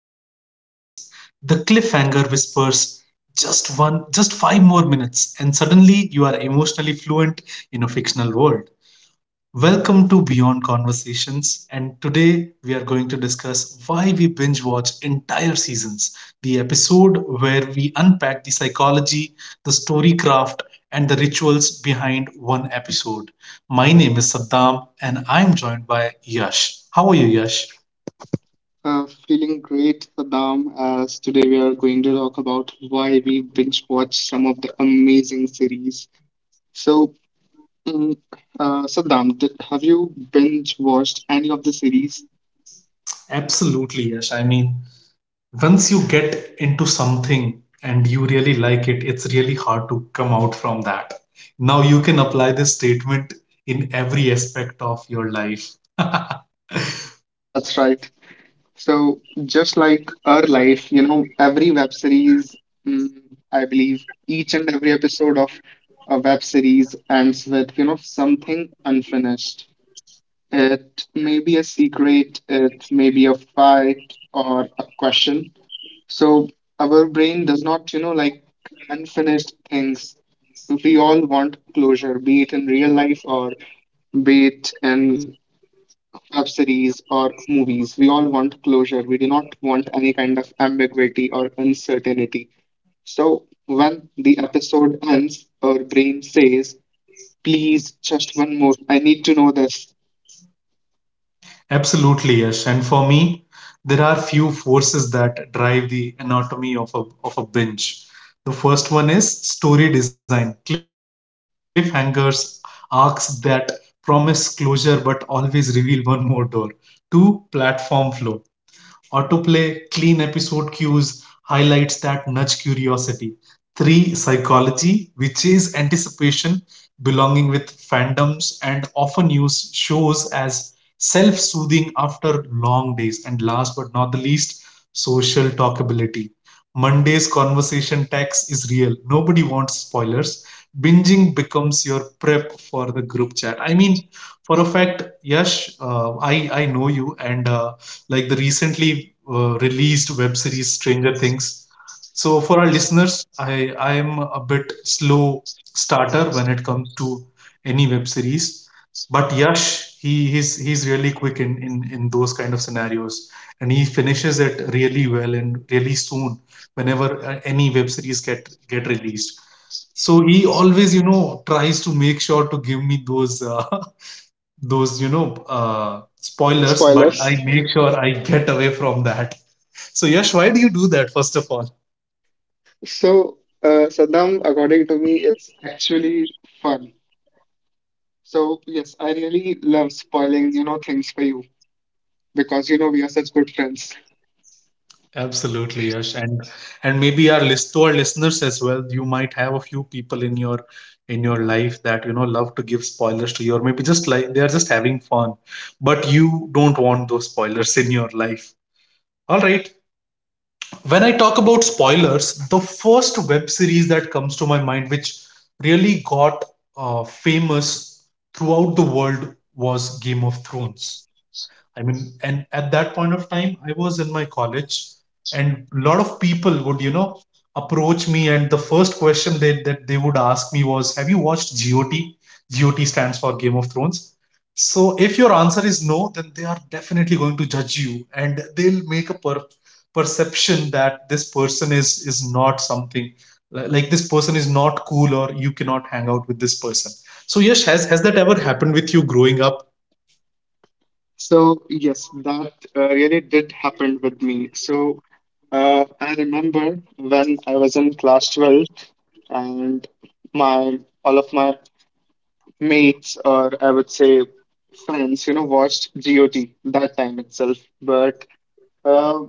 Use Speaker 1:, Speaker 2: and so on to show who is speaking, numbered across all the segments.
Speaker 1: one autoplays. The cliffhanger whispers just one, just five more minutes, and suddenly you are emotionally fluent in a fictional world. Welcome to Beyond Conversations, and today we are going to discuss why we binge watch entire seasons, the episode where we unpack the psychology, the story craft, and the rituals behind one episode. My name is Saddam, and I'm joined by Yash. How are you, Yash?
Speaker 2: Feeling great, Saddam, as today we are going to talk about why we binge watch some of the amazing series. So, mm, Saddam, have you binge watched any of the series?
Speaker 1: Absolutely, Yash. I mean, once you get into something and you really like it, it's really hard to come out from that. Now you can apply this statement in every aspect of your life.
Speaker 2: That's right. So, just like our life, you know, every web series, mm, I believe each and every episode of a web series ends with, you know, something unfinished. It may be a secret, it may be a fight or a question. So our brain does not, you know, like unfinished things. So we all want closure, be it in real life or be it in web series or movies. We all want closure. We do not want any kind of ambiguity or uncertainty. So when the episode ends, our brain says, please, just one more. I need to know this.
Speaker 1: Absolutely, yes. And for me, there are few forces that drive the anatomy of a binge. The first one is story design: cliffhangers, arcs that promise closure but always reveal one more door. Two, platform flow: autoplay, clean episode cues, highlights that nudge curiosity. 3. Psychology, which is anticipation, belonging with fandoms, and often used shows as self soothing after long days. And last but not the least, social talkability. Monday's conversation tax is real. Nobody wants spoilers. Binging becomes your prep for the group chat. I mean, for a fact, Yash, I know you, and like the recently released web series Stranger Things. So for our listeners, I am a bit slow starter when it comes to any web series, but Yash, he's really quick in in those kind of scenarios, and he finishes it really well and really soon whenever any web series get released. So he always, you know, tries to make sure to give me those those spoilers, but I
Speaker 2: Spoilers.
Speaker 1: make sure I get away from that. So Yash, why do you do that first of all?
Speaker 2: So, Saddam, according to me, it's actually fun. So, yes, I really love spoiling, you know, things for you because, you know, we are such good friends.
Speaker 1: Absolutely, Yash. And maybe our list to our listeners as well, you might have a few people in your life that, you know, love to give spoilers to you, or maybe just like they are just having fun, but you don't want those spoilers in your life. All right, when I talk about spoilers, the first web series that comes to my mind, which really got famous throughout the world, was Game of Thrones. I mean, and at that point of time, I was in my college, and a lot of people would, you know, approach me, and the first question they that they would ask me was, "Have you watched GOT?" GOT stands for Game of Thrones. So if your answer is no, then they are definitely going to judge you, and they'll make a perception that this person is not something, like this person is not cool, or you cannot hang out with this person. So Yash, has that ever happened with you growing up?
Speaker 2: So, yes, that really did happen with me. So, I remember when I was in class 12, and my all of my mates, or I would say friends, you know, watched GOT that time itself. But uh,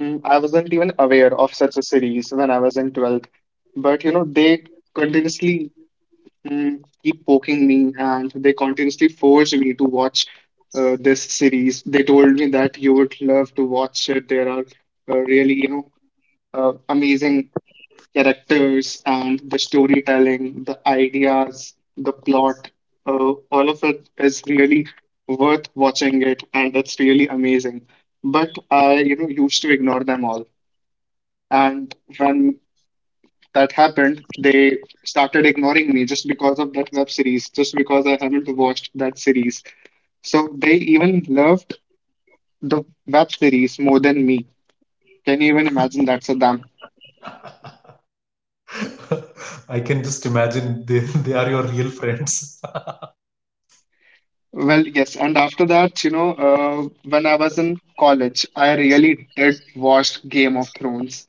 Speaker 2: I wasn't even aware of such a series when I was in 12th. But you know, they continuously mm, keep poking me, and they continuously forced me to watch this series. They told me that you would love to watch it. There are really, you know, amazing characters and the storytelling, the ideas, the plot, uh, all of it is really worth watching it, and it's really amazing. But I, you know, used to ignore them all. And when that happened, they started ignoring me just because of that web series, just because I haven't watched that series. So they even loved the web series more than me. Can you even imagine that, Saddam?
Speaker 1: I can just imagine, they, they are your real friends.
Speaker 2: Well, yes. And after that, you know, when I was in college, I really did watch Game of Thrones.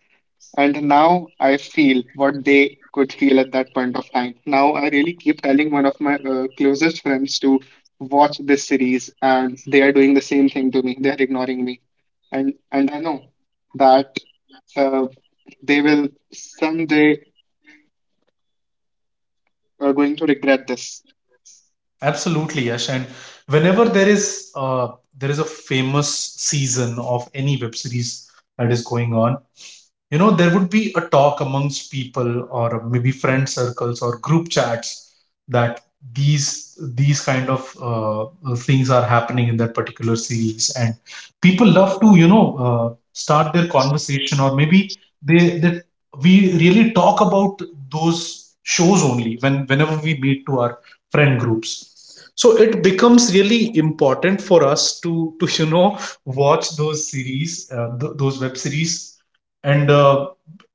Speaker 2: And now I feel what they could feel at that point of time. Now I really keep telling one of my closest friends to watch this series, and they are doing the same thing to me. They are ignoring me, and I know that uh, they will someday are going to regret this.
Speaker 1: Absolutely, Yash. And whenever there is a famous season of any web series that is going on, you know there would be a talk amongst people or maybe friend circles or group chats that these these kind of things are happening in that particular series, and people love to, you know, start their conversation, or maybe they we really talk about those shows only whenever we meet to our friend groups. So it becomes really important for us to to you know watch those series, those web series, and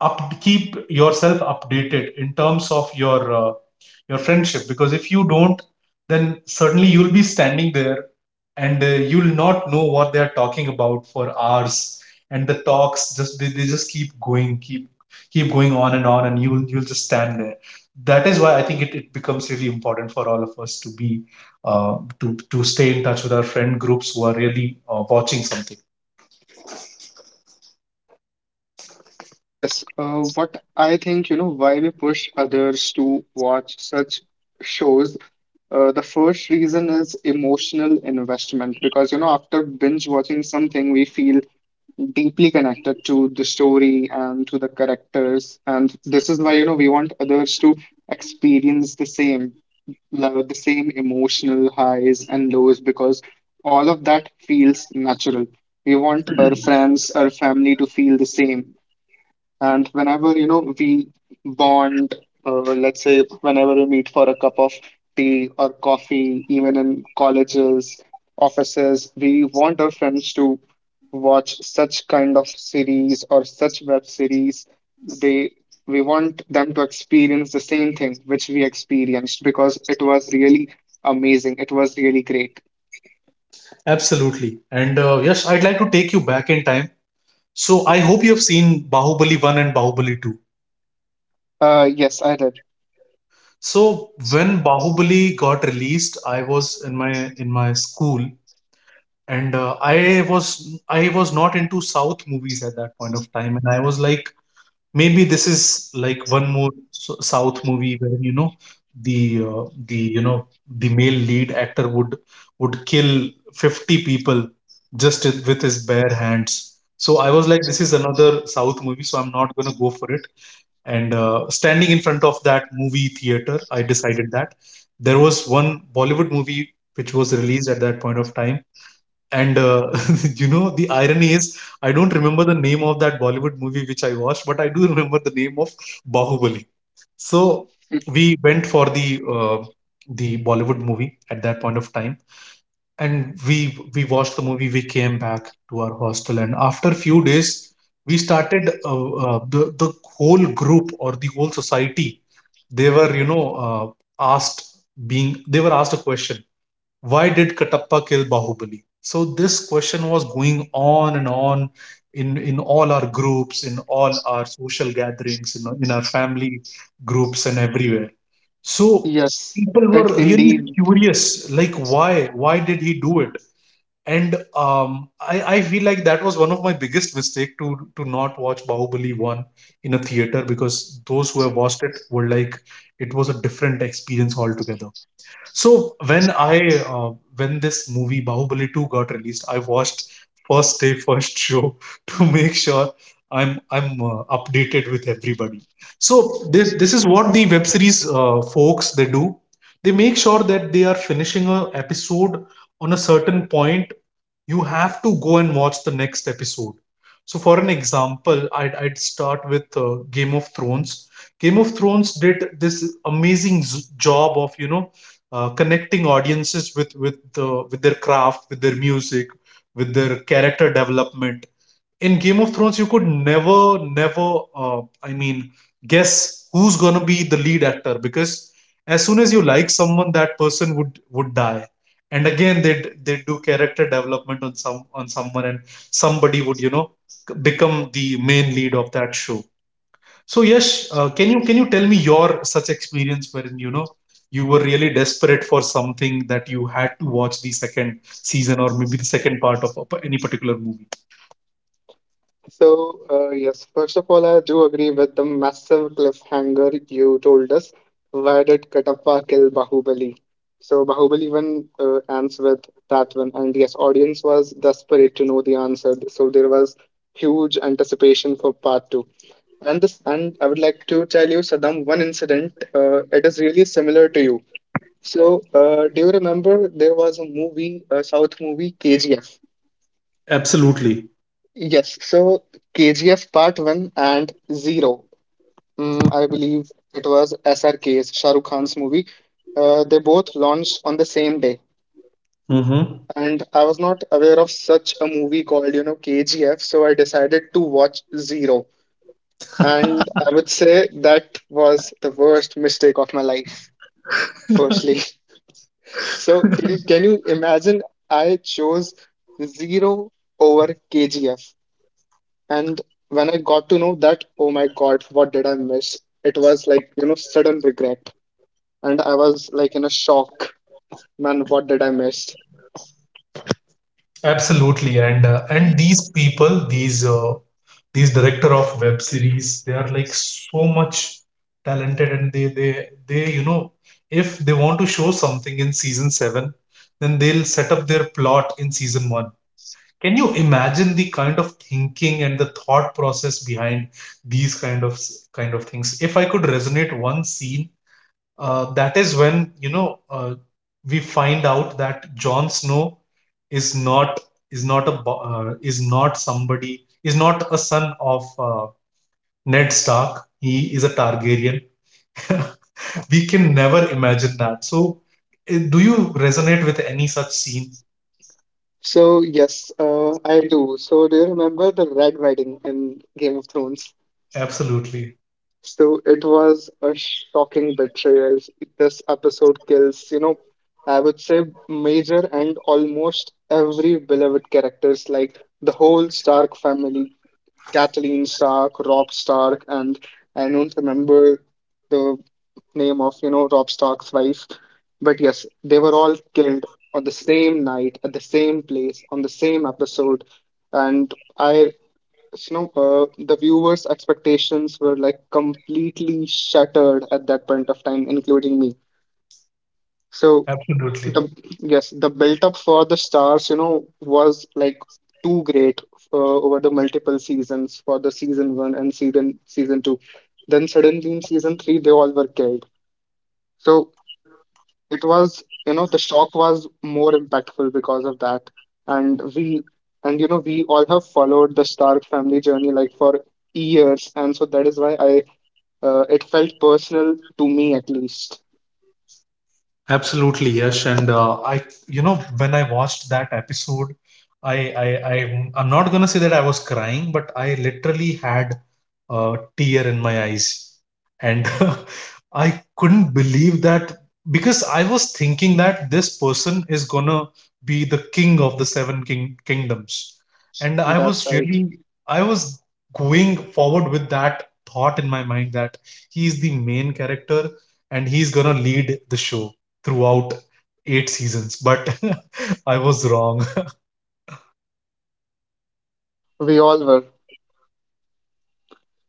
Speaker 1: up keep yourself updated in terms of your friendship, because if you don't, then certainly you'll be standing there, and you'll not know what they're talking about for hours, and the talks just they just keep going, keep going on and on, and you'll just stand there. That is why I think it becomes really important for all of us to be to to stay in touch with our friend groups who are really watching something.
Speaker 2: Well, yes. What I think, you know, why we push others to watch such shows. The first reason is emotional investment, because, you know, after binge watching something, we feel deeply connected to the story and to the characters, and this is why, you know, we want others to experience the same level, the same emotional highs and lows, because all of that feels natural. We want our friends, our family to feel the same, and whenever, you know, we bond, let's say whenever we meet for a cup of tea or coffee, even in colleges, offices, we want our friends to watch such kind of series or such web series. They We want them to experience the same thing which we experienced, because it was really amazing. It was really great.
Speaker 1: Absolutely. And yes, I'd like to take you back in time. So I hope you have seen Bahubali 1 and Bahubali 2.
Speaker 2: Yes, I did.
Speaker 1: So when Bahubali got released, I was in my school, and I was not into South movies at that point of time, and I was like, maybe this is like one more south movie where, you know, the the male lead actor would kill 50 people just with his bare hands. So I was like, this is another south movie, so I'm not going to go for it. And standing in front of that movie theater, I decided that there was one bollywood movie which was released at that point of time. And you know, the irony is, I don't remember the name of that Bollywood movie which I watched, but I do remember the name of Bahubali. So we went for the Bollywood movie at that point of time, and we watched the movie. We came back to our hostel, and after few days, we started the whole group or the whole society. They were, you know, asked, being they were asked a question, why did Katappa kill Bahubali? So this question was going on and on in all our groups, in all our social gatherings, in our family groups, and everywhere. So
Speaker 2: Yes,
Speaker 1: people were
Speaker 2: it
Speaker 1: really
Speaker 2: indeed.
Speaker 1: curious, like, why? Why did he do it? And I feel like that was one of my biggest mistake to not watch Bahubali one in a theater, because those who have watched it were like, it was a different experience altogether. So when I when this movie Bahubali 2 got released, I watched first day first show to make sure I'm updated with everybody. So this is what the web series folks they do. They make sure that they are finishing a episode on a certain point, you have to go and watch the next episode. So, for an example, I'd start with Game of Thrones. Game of Thrones did this amazing job of, you know, connecting audiences with the with their craft, with their music, with their character development. In Game of Thrones, you could never, never, I mean, guess who's gonna be the lead actor, because as soon as you like someone, that person would die. And again, they do character development on someone, and somebody would, you know, become the main lead of that show. So yes, can you tell me your such experience wherein, you know, you were really desperate for something that you had to watch the second season or maybe the second part of any particular movie?
Speaker 2: So, yes, first of all, I do agree with the massive cliffhanger you told us. Why did Katappa kill Bahubali? So, Bahubali one ends with that one. And yes, audience was desperate to know the answer. So, there was huge anticipation for part two. And I would like to tell you, Saddam, one incident. It is really similar to you. So, do you remember there was a movie, a South movie, KGF?
Speaker 1: Absolutely.
Speaker 2: Yes, so KGF Part 1 and 0. I believe it was SRK's, Shah Rukh Khan's movie. They both launched on the same day.
Speaker 1: Mm-hmm.
Speaker 2: And I was not aware of such a movie called, you know, KGF, so I decided to watch Zero. And I would say that was the worst mistake of my life, firstly. So can you imagine I chose Zero over KGF? And when I got to know that, oh my God, what did I miss? It was like, you know, sudden regret. And I was like in a shock. Man, what did I miss?
Speaker 1: Absolutely, and these people, these director of web series, they are like so much talented, and they you know, if they want to show something in season seven, then they'll set up their plot in season one. Can you imagine the kind of thinking and the thought process behind these kind of kind of things? If I could resonate one scene, that is when, you know, we find out that Jon Snow is not, is not a bo- is not somebody is not a son of Ned Stark. He is a Targaryen. We can never imagine that. So, do you resonate with any such scene?
Speaker 2: So yes, I do. So do you remember the Red Wedding in Game of Thrones?
Speaker 1: Absolutely,
Speaker 2: So it was a shocking betrayal. This episode kills, you know, I would say major and almost every beloved characters, like the whole Stark family, Kathleen Stark, Rob Stark, and I don't remember the name of, you know, Rob Stark's wife. But yes, they were all killed on the same night at the same place on the same episode, and I you know, the viewers' expectations were like completely shattered at that point of time, including me. So
Speaker 1: absolutely.
Speaker 2: the yes, the build up for the stars, you know, was like too great over the multiple seasons, for the season one and season two. Then suddenly in season three they all were killed. So it was, you know, the shock was more impactful because of that. And we and you know, we all have followed the Stark family journey like for years, and so that is why I it felt personal to me at least.
Speaker 1: Absolutely, Yash. And I, you know, when I watched that episode, I'm not gonna say that I was crying, but I literally had a tear in my eyes, and I couldn't believe that, because I was thinking that this person is gonna be the king of the 7 king kingdoms, and I
Speaker 2: That's
Speaker 1: was
Speaker 2: right,
Speaker 1: really, I was going forward with that thought in my mind that he is the main character and he's gonna lead the show throughout 8 seasons, but I was wrong.
Speaker 2: we all were.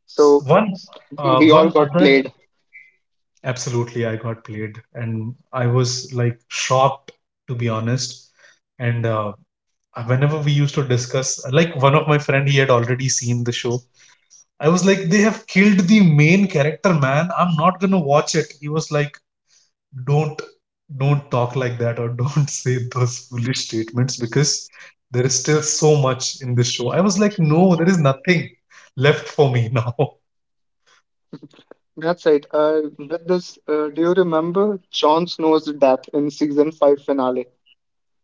Speaker 2: So
Speaker 1: One, uh,
Speaker 2: we all
Speaker 1: one
Speaker 2: got
Speaker 1: other,
Speaker 2: played.
Speaker 1: absolutely, I got played, and I was like shocked, to be honest. And whenever we used to discuss, like one of my friend, he had already seen the show. I was like, they have killed the main character, man. I'm not gonna watch it. He was like, don't talk like that, or don't say those foolish statements, because there is still so much in this show. I was like, no, there is nothing left for me now.
Speaker 2: That's right. With this, do you remember Jon Snow's death in season five finale?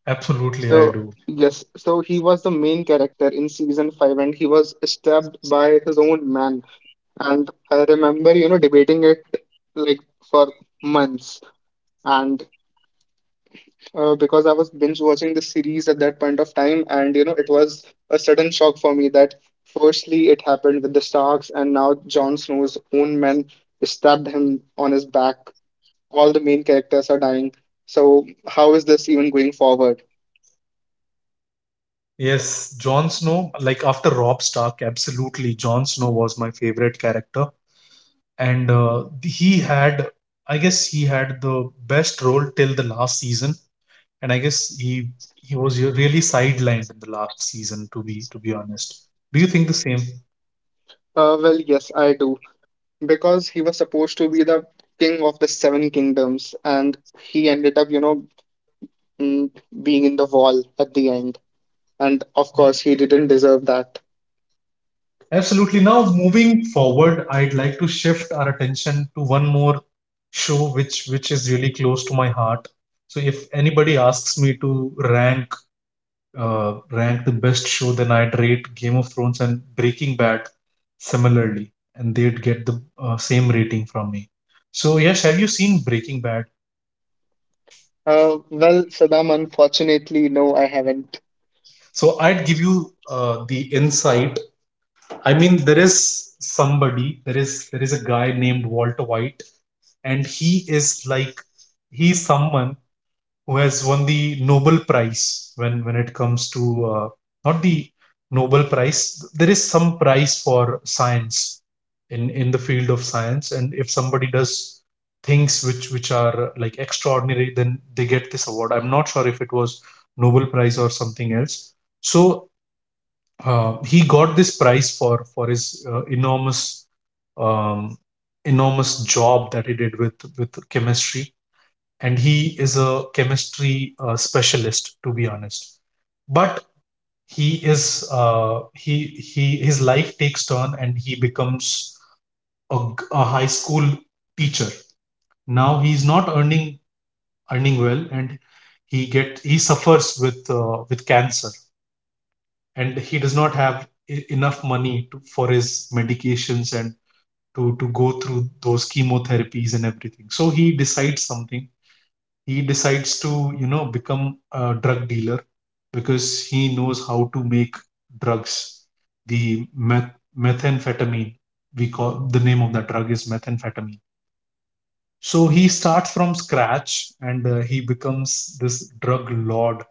Speaker 1: Absolutely, I
Speaker 2: So
Speaker 1: do.
Speaker 2: yes, so he was the main character in season five, and he was stabbed by his own man. And I remember, you know, debating it like for months. And because I was binge watching the series at that point of time, and you know, it was a sudden shock for me that firstly it happened with the Starks, and now Jon Snow's own men stabbed him on his back. All the main characters are dying. So how is this even going forward?
Speaker 1: Yes, Jon Snow, like after Rob Stark, absolutely, Jon Snow was my favorite character. And he had, I guess, he had the best role till the last season. And I guess he was really sidelined in the last season, to be honest. Do you think the same?
Speaker 2: Well, yes, I do. Because he was supposed to be the king of the seven kingdoms, and he ended up, you know, mm, being in the wall at the end. And of course, he didn't deserve that.
Speaker 1: Absolutely. Now, moving forward, I'd like to shift our attention to one more show which is really close to my heart. So if anybody asks me to rank rank the best show, then I'd rate Game of Thrones and Breaking Bad similarly, and they'd get the same rating from me. So yes, have you seen Breaking Bad?
Speaker 2: Well, Saddam, unfortunately, no, I haven't.
Speaker 1: So I'd give you the insight. I mean, there is somebody, there is a guy named Walter White and he is like he's someone who has won the Nobel Prize when it comes to not the Nobel Prize. There is some prize for science in the field of science, and if somebody does things which are like extraordinary, then they get this award. I'm not sure if it was Nobel Prize or something else. So he got this prize for his enormous um, enormous job that he did with chemistry, and he is a chemistry specialist, to be honest. But he is uh, he he his life takes turn and he becomes a high school teacher. Now he's not earning well, and he suffers with cancer, and he does not have enough money for his medications and to go through those chemotherapies and everything. So he decides something. He decides to, you know, become a drug dealer because he knows how to make drugs, the methamphetamine. We call the name of that drug is methamphetamine. So he starts from scratch, and he becomes this drug lord.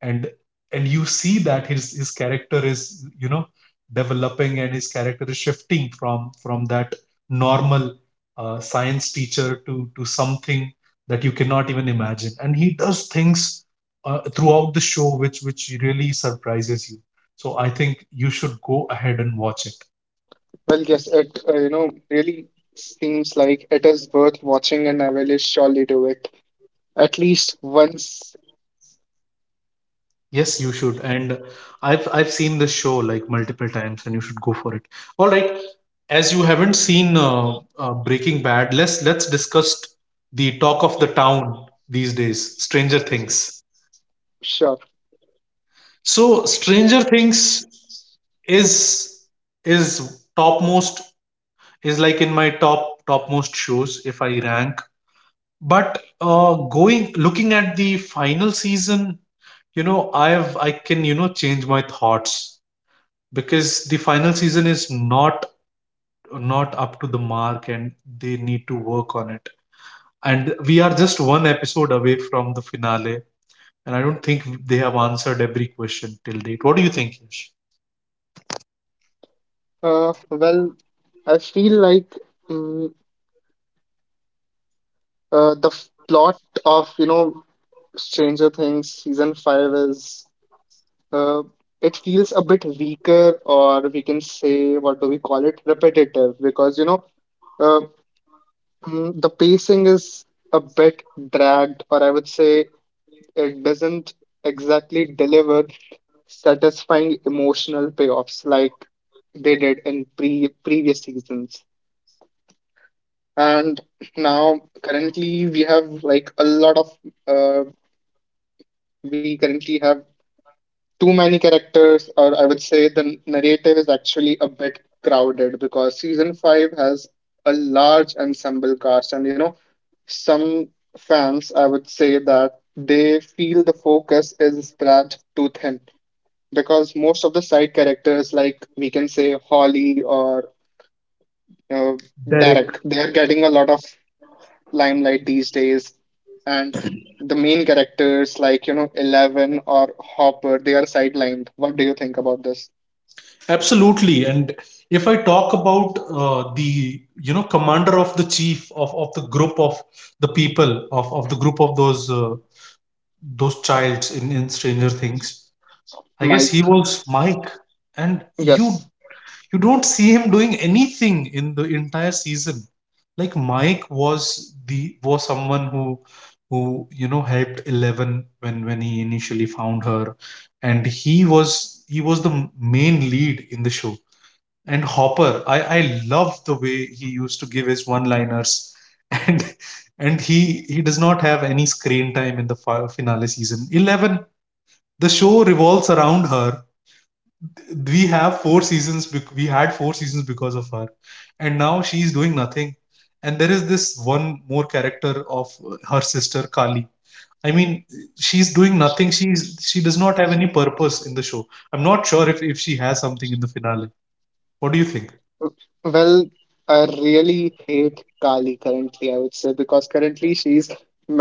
Speaker 1: And and you see that his character is, developing, and his character is shifting from that normal science teacher to something that you cannot even imagine. And he does things throughout the show which really surprises you. So I think you should go ahead and watch it.
Speaker 2: Well, yes, you know, really seems like it is worth watching, and I will surely do it. At least once,
Speaker 1: Yes, you should. And I've seen this show like multiple times, and you should go for it. All right, as you haven't seen Breaking Bad, let's discuss the talk of the town these days, Stranger Things.
Speaker 2: sure.
Speaker 1: So Stranger Things is is topmost, is like in my top topmost shows if I rank. But going looking at the final season, you know, I can, you know, change my thoughts because the final season is not up to the mark, and they need to work on it. And we are just one episode away from the finale, and I don't think they have answered every question till date. What do you think, Yash?
Speaker 2: Well, I feel like mm, the plot of, you know, Stranger Things season five is, uh, it feels a bit weaker, or we can say, what do we call it, repetitive, because, you know, uh, the pacing is a bit dragged, or I would say it doesn't exactly deliver satisfying emotional payoffs like they did in previous seasons. And now currently we have like a lot of uh, we currently have too many characters, or I would say the narrative is actually a bit crowded, because season 5 has a large ensemble cast, and you know, some fans I would say that they feel the focus is spread too thin, because most of the side characters, like we can say Holly or uh,
Speaker 1: Derek.
Speaker 2: Derek, they're getting a lot of limelight these days, and the main characters, like you know, 11 or Hopper, they are sidelined. What do you think about this?
Speaker 1: Absolutely. And if I talk about the, you know, commander of the chief of the group of the people of the group of those childs in Stranger Things, I guess he
Speaker 2: Mike.
Speaker 1: was Mike. And you.
Speaker 2: Yes.
Speaker 1: You don't see him doing anything in the entire season. Like Mike was the was someone who, you know, helped Eleven when he initially found her, and he was the main lead in the show. And Hopper, I love the way he used to give his one-liners, and and he does not have any screen time in the finale season. Eleven, the show revolves around her. We have four seasons we had four seasons because of her, and now she's doing nothing. And there is this one more character of her sister Kali. I mean, she's doing nothing. She's, she does not have any purpose in the show. I'm not sure if she has something in the finale. What do you think?
Speaker 2: Well, I really hate Kali currently, I would say, because currently she's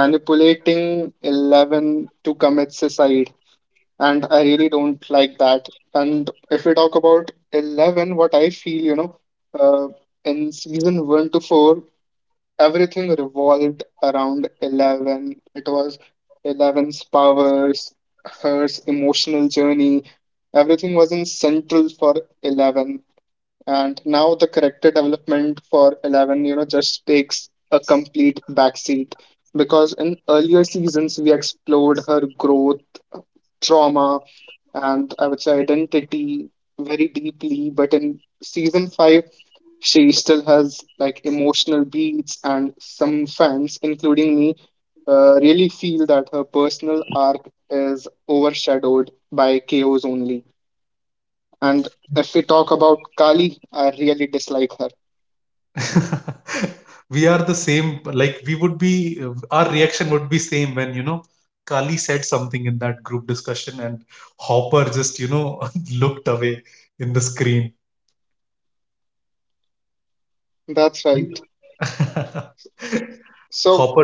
Speaker 2: manipulating 11 to commit suicide, and I really don't like that. And if we talk about 11, what I feel, you know, uh, in season 1 to 4, everything revolved around Eleven. It was Eleven's powers, her emotional journey. Everything was in central for Eleven. And now the character development for Eleven, you know, just takes a complete backseat. Because in earlier seasons, we explored her growth, trauma, and I would say identity very deeply. But in season five, she still has like emotional beats, and some fans, including me, really feel that her personal arc is overshadowed by KOs only. And if we talk about Kali, I really dislike her.
Speaker 1: We are the same, like we would be, our reaction would be same when, you know, Kali said something in that group discussion and Hopper just, you know, looked away in the screen.
Speaker 2: That's right. So
Speaker 1: Hopper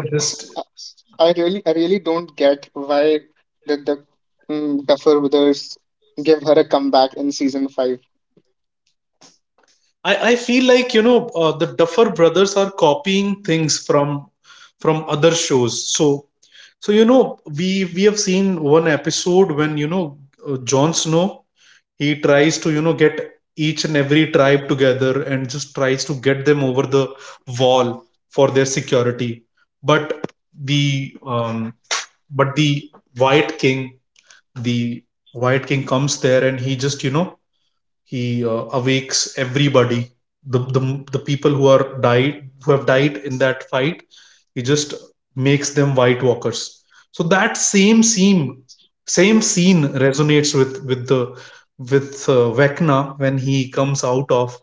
Speaker 2: uh,
Speaker 1: just.
Speaker 2: I really don't get why did the Duffer Brothers give her a comeback in season five.
Speaker 1: I feel like, you know, the Duffer Brothers are copying things from other shows. So so, you know, we have seen one episode when, you know, Jon Snow, he tries to, you know, get each and every tribe together and just tries to get them over the wall for their security. But the um, but the White King, the White King comes there, and he just, you know, he awakes everybody, the people who are died, who have died in that fight, he just makes them White Walkers. So that same scene, same scene resonates with the with Vecna when he comes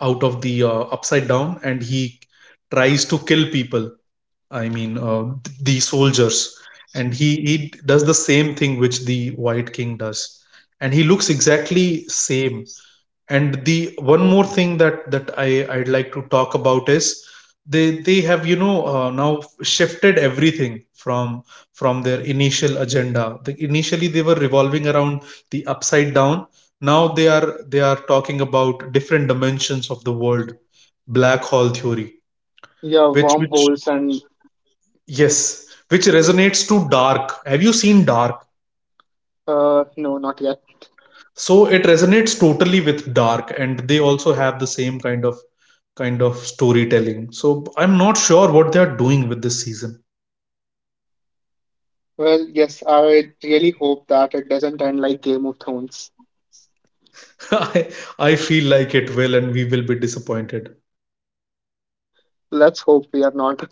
Speaker 1: out of the upside down, and he tries to kill people. I mean, the soldiers, and he does the same thing which the White King does, and he looks exactly same. And the one more thing that I I'd like to talk about is they have, you know, now shifted everything from their initial agenda. The, initially they were revolving around the upside down. Now they are talking about different dimensions of the world, black hole theory,
Speaker 2: Yeah,
Speaker 1: which
Speaker 2: wormholes and.
Speaker 1: Yes, which resonates to Dark. Have you seen Dark?
Speaker 2: No, not yet.
Speaker 1: So it resonates totally with Dark, and they also have the same kind of storytelling. So I'm not sure what they are doing with this season.
Speaker 2: Well, yes, I really hope that it doesn't end like Game of Thrones.
Speaker 1: I I feel like it will, and we will be disappointed.
Speaker 2: Let's hope we are not.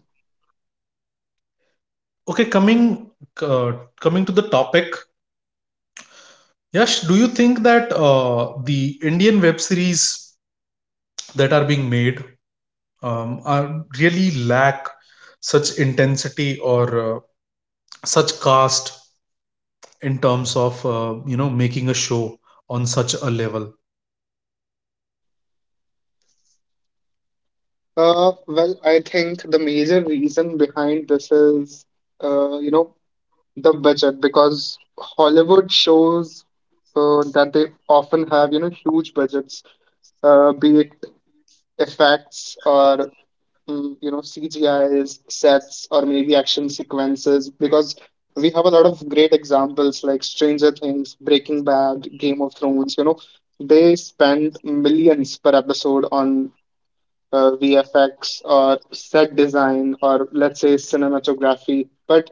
Speaker 1: Okay, coming uh, coming to the topic, Yash, do you think that the Indian web series that are being made are really lack such intensity or such cast in terms of you know, making a show on such a level?
Speaker 2: Well, I think the major reason behind this is, you know, the budget, because Hollywood shows, that they often have, you know, huge budgets, be it effects or you know, CGIs, sets, or maybe action sequences, because we have a lot of great examples like Stranger Things, Breaking Bad, Game of Thrones. You know, they spend millions per episode on VFX or set design or let's say cinematography. But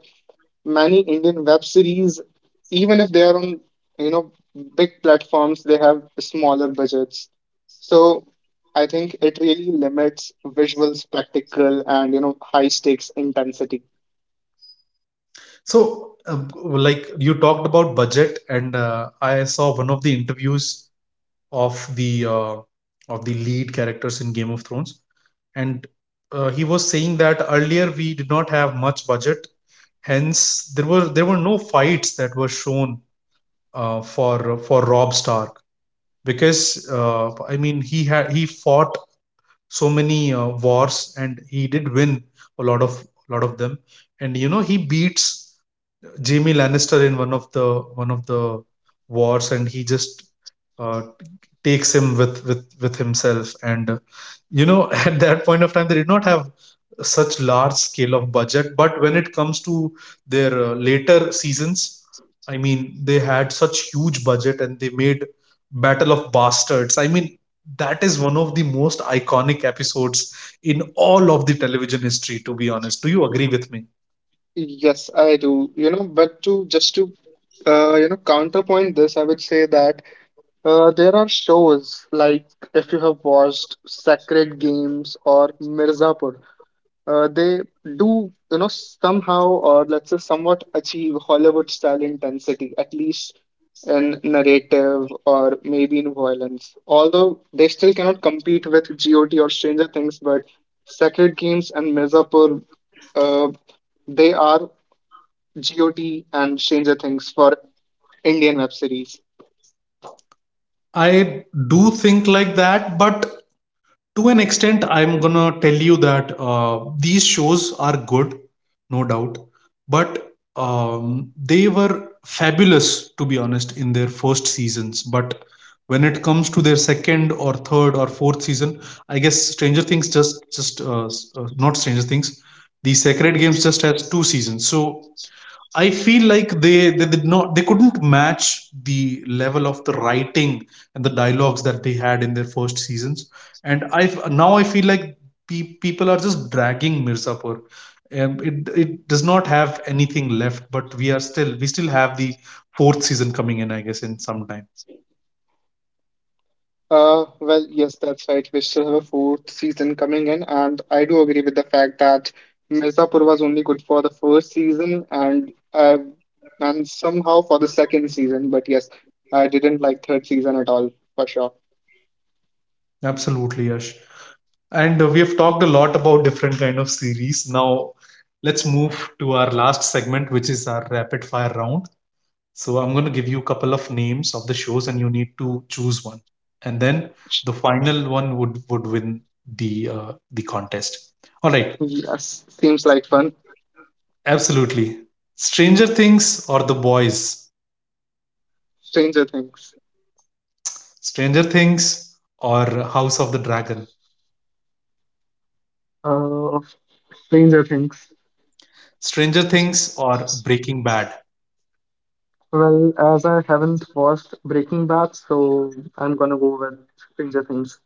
Speaker 2: many Indian web series, even if they are on, you know, big platforms, they have smaller budgets. So I think it really limits visual spectacle and, you know, high stakes intensity.
Speaker 1: So like you talked about budget, and I saw one of the interviews of the uh, of the lead characters in Game of Thrones. And he was saying that earlier we did not have much budget, hence there were no fights that were shown for Rob Stark because, uh, I mean, he fought so many wars, and he did win a lot of them and you know, he beats Jamie Lannister in one of the wars, and he just uh, takes him with himself. And you know, at that point of time they did not have such large scale of budget. But when it comes to their later seasons, I mean, they had such huge budget, and they made Battle of Bastards. I mean, that is one of the most iconic episodes in all of the television history, to be honest. Do you agree with me?
Speaker 2: Yes, I do. You know, but to just to you know, counterpoint this, I would say that there are shows like, if you have watched Sacred Games or Mirzapur. They do, you know, somehow, or let's say, somewhat achieve Hollywood style intensity, at least in narrative or maybe in violence, although they still cannot compete with GOT or Stranger Things. But Sacred Games and Mirzapur, uh, they are GOT and Stranger Things for Indian web series.
Speaker 1: I do think like that, but to an extent, I'm gonna tell you that these shows are good, no doubt, but they were fabulous, to be honest, in their first seasons. But when it comes to their second or third or fourth season, I guess Stranger Things just not Stranger Things, the Sacred Games just has two seasons. So I feel like they did not they couldn't match the level of the writing and the dialogues that they had in their first seasons. And I, now I feel like people are just dragging Mirzapur. It it does not have anything left, but we are still, we still have the fourth season coming in, I guess, in some time.
Speaker 2: Well, yes, that's right. We still have a fourth season coming in, and I do agree with the fact that Mirzapur was only good for the first season, and and somehow for the second season. But yes, I didn't like third season at all for sure.
Speaker 1: Absolutely, Yash. And we have talked a lot about different kind of series. Now let's move to our last segment, which is our rapid fire round. So I'm going to give you a couple of names of the shows, and you need to choose one. And then the final one would win the contest. All right,
Speaker 2: Yes, seems like fun.
Speaker 1: absolutely. Stranger Things or The Boys.
Speaker 2: Stranger Things.
Speaker 1: Stranger Things or House of the Dragon.
Speaker 2: Uh, Stranger Things.
Speaker 1: Stranger Things or Breaking Bad.
Speaker 2: Well, as I haven't watched Breaking Bad, so I'm gonna go with Stranger Things.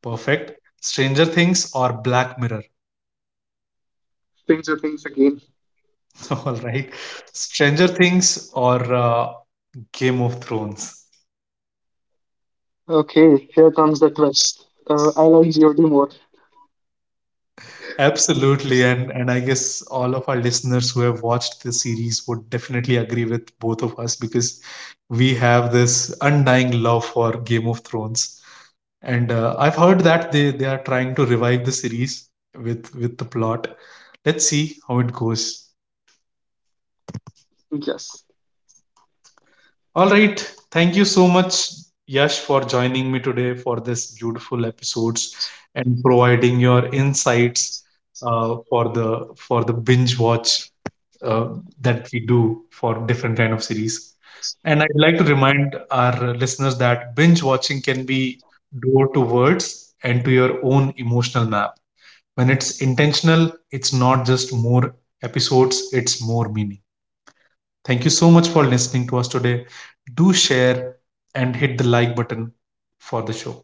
Speaker 1: Perfect. Stranger Things or Black Mirror.
Speaker 2: Stranger Things again.
Speaker 1: All right. Stranger Things or Game of Thrones.
Speaker 2: Okay, here comes the twist. I like Geordie more.
Speaker 1: Absolutely, and I guess all of our listeners who have watched this series would definitely agree with both of us, because we have this undying love for Game of Thrones. And I've heard that they are trying to revive the series with the plot. Let's see how it goes.
Speaker 2: Yes.
Speaker 1: All right, thank you so much, Yash, for joining me today for this beautiful episodes and providing your insights for the binge watch uh, that we do for different kind of series. And I'd like to remind our listeners that binge watching can be door to words and to your own emotional map. When it's intentional, it's not just more episodes, it's more meaning. Thank you so much for listening to us today. Do share and hit the like button for the show.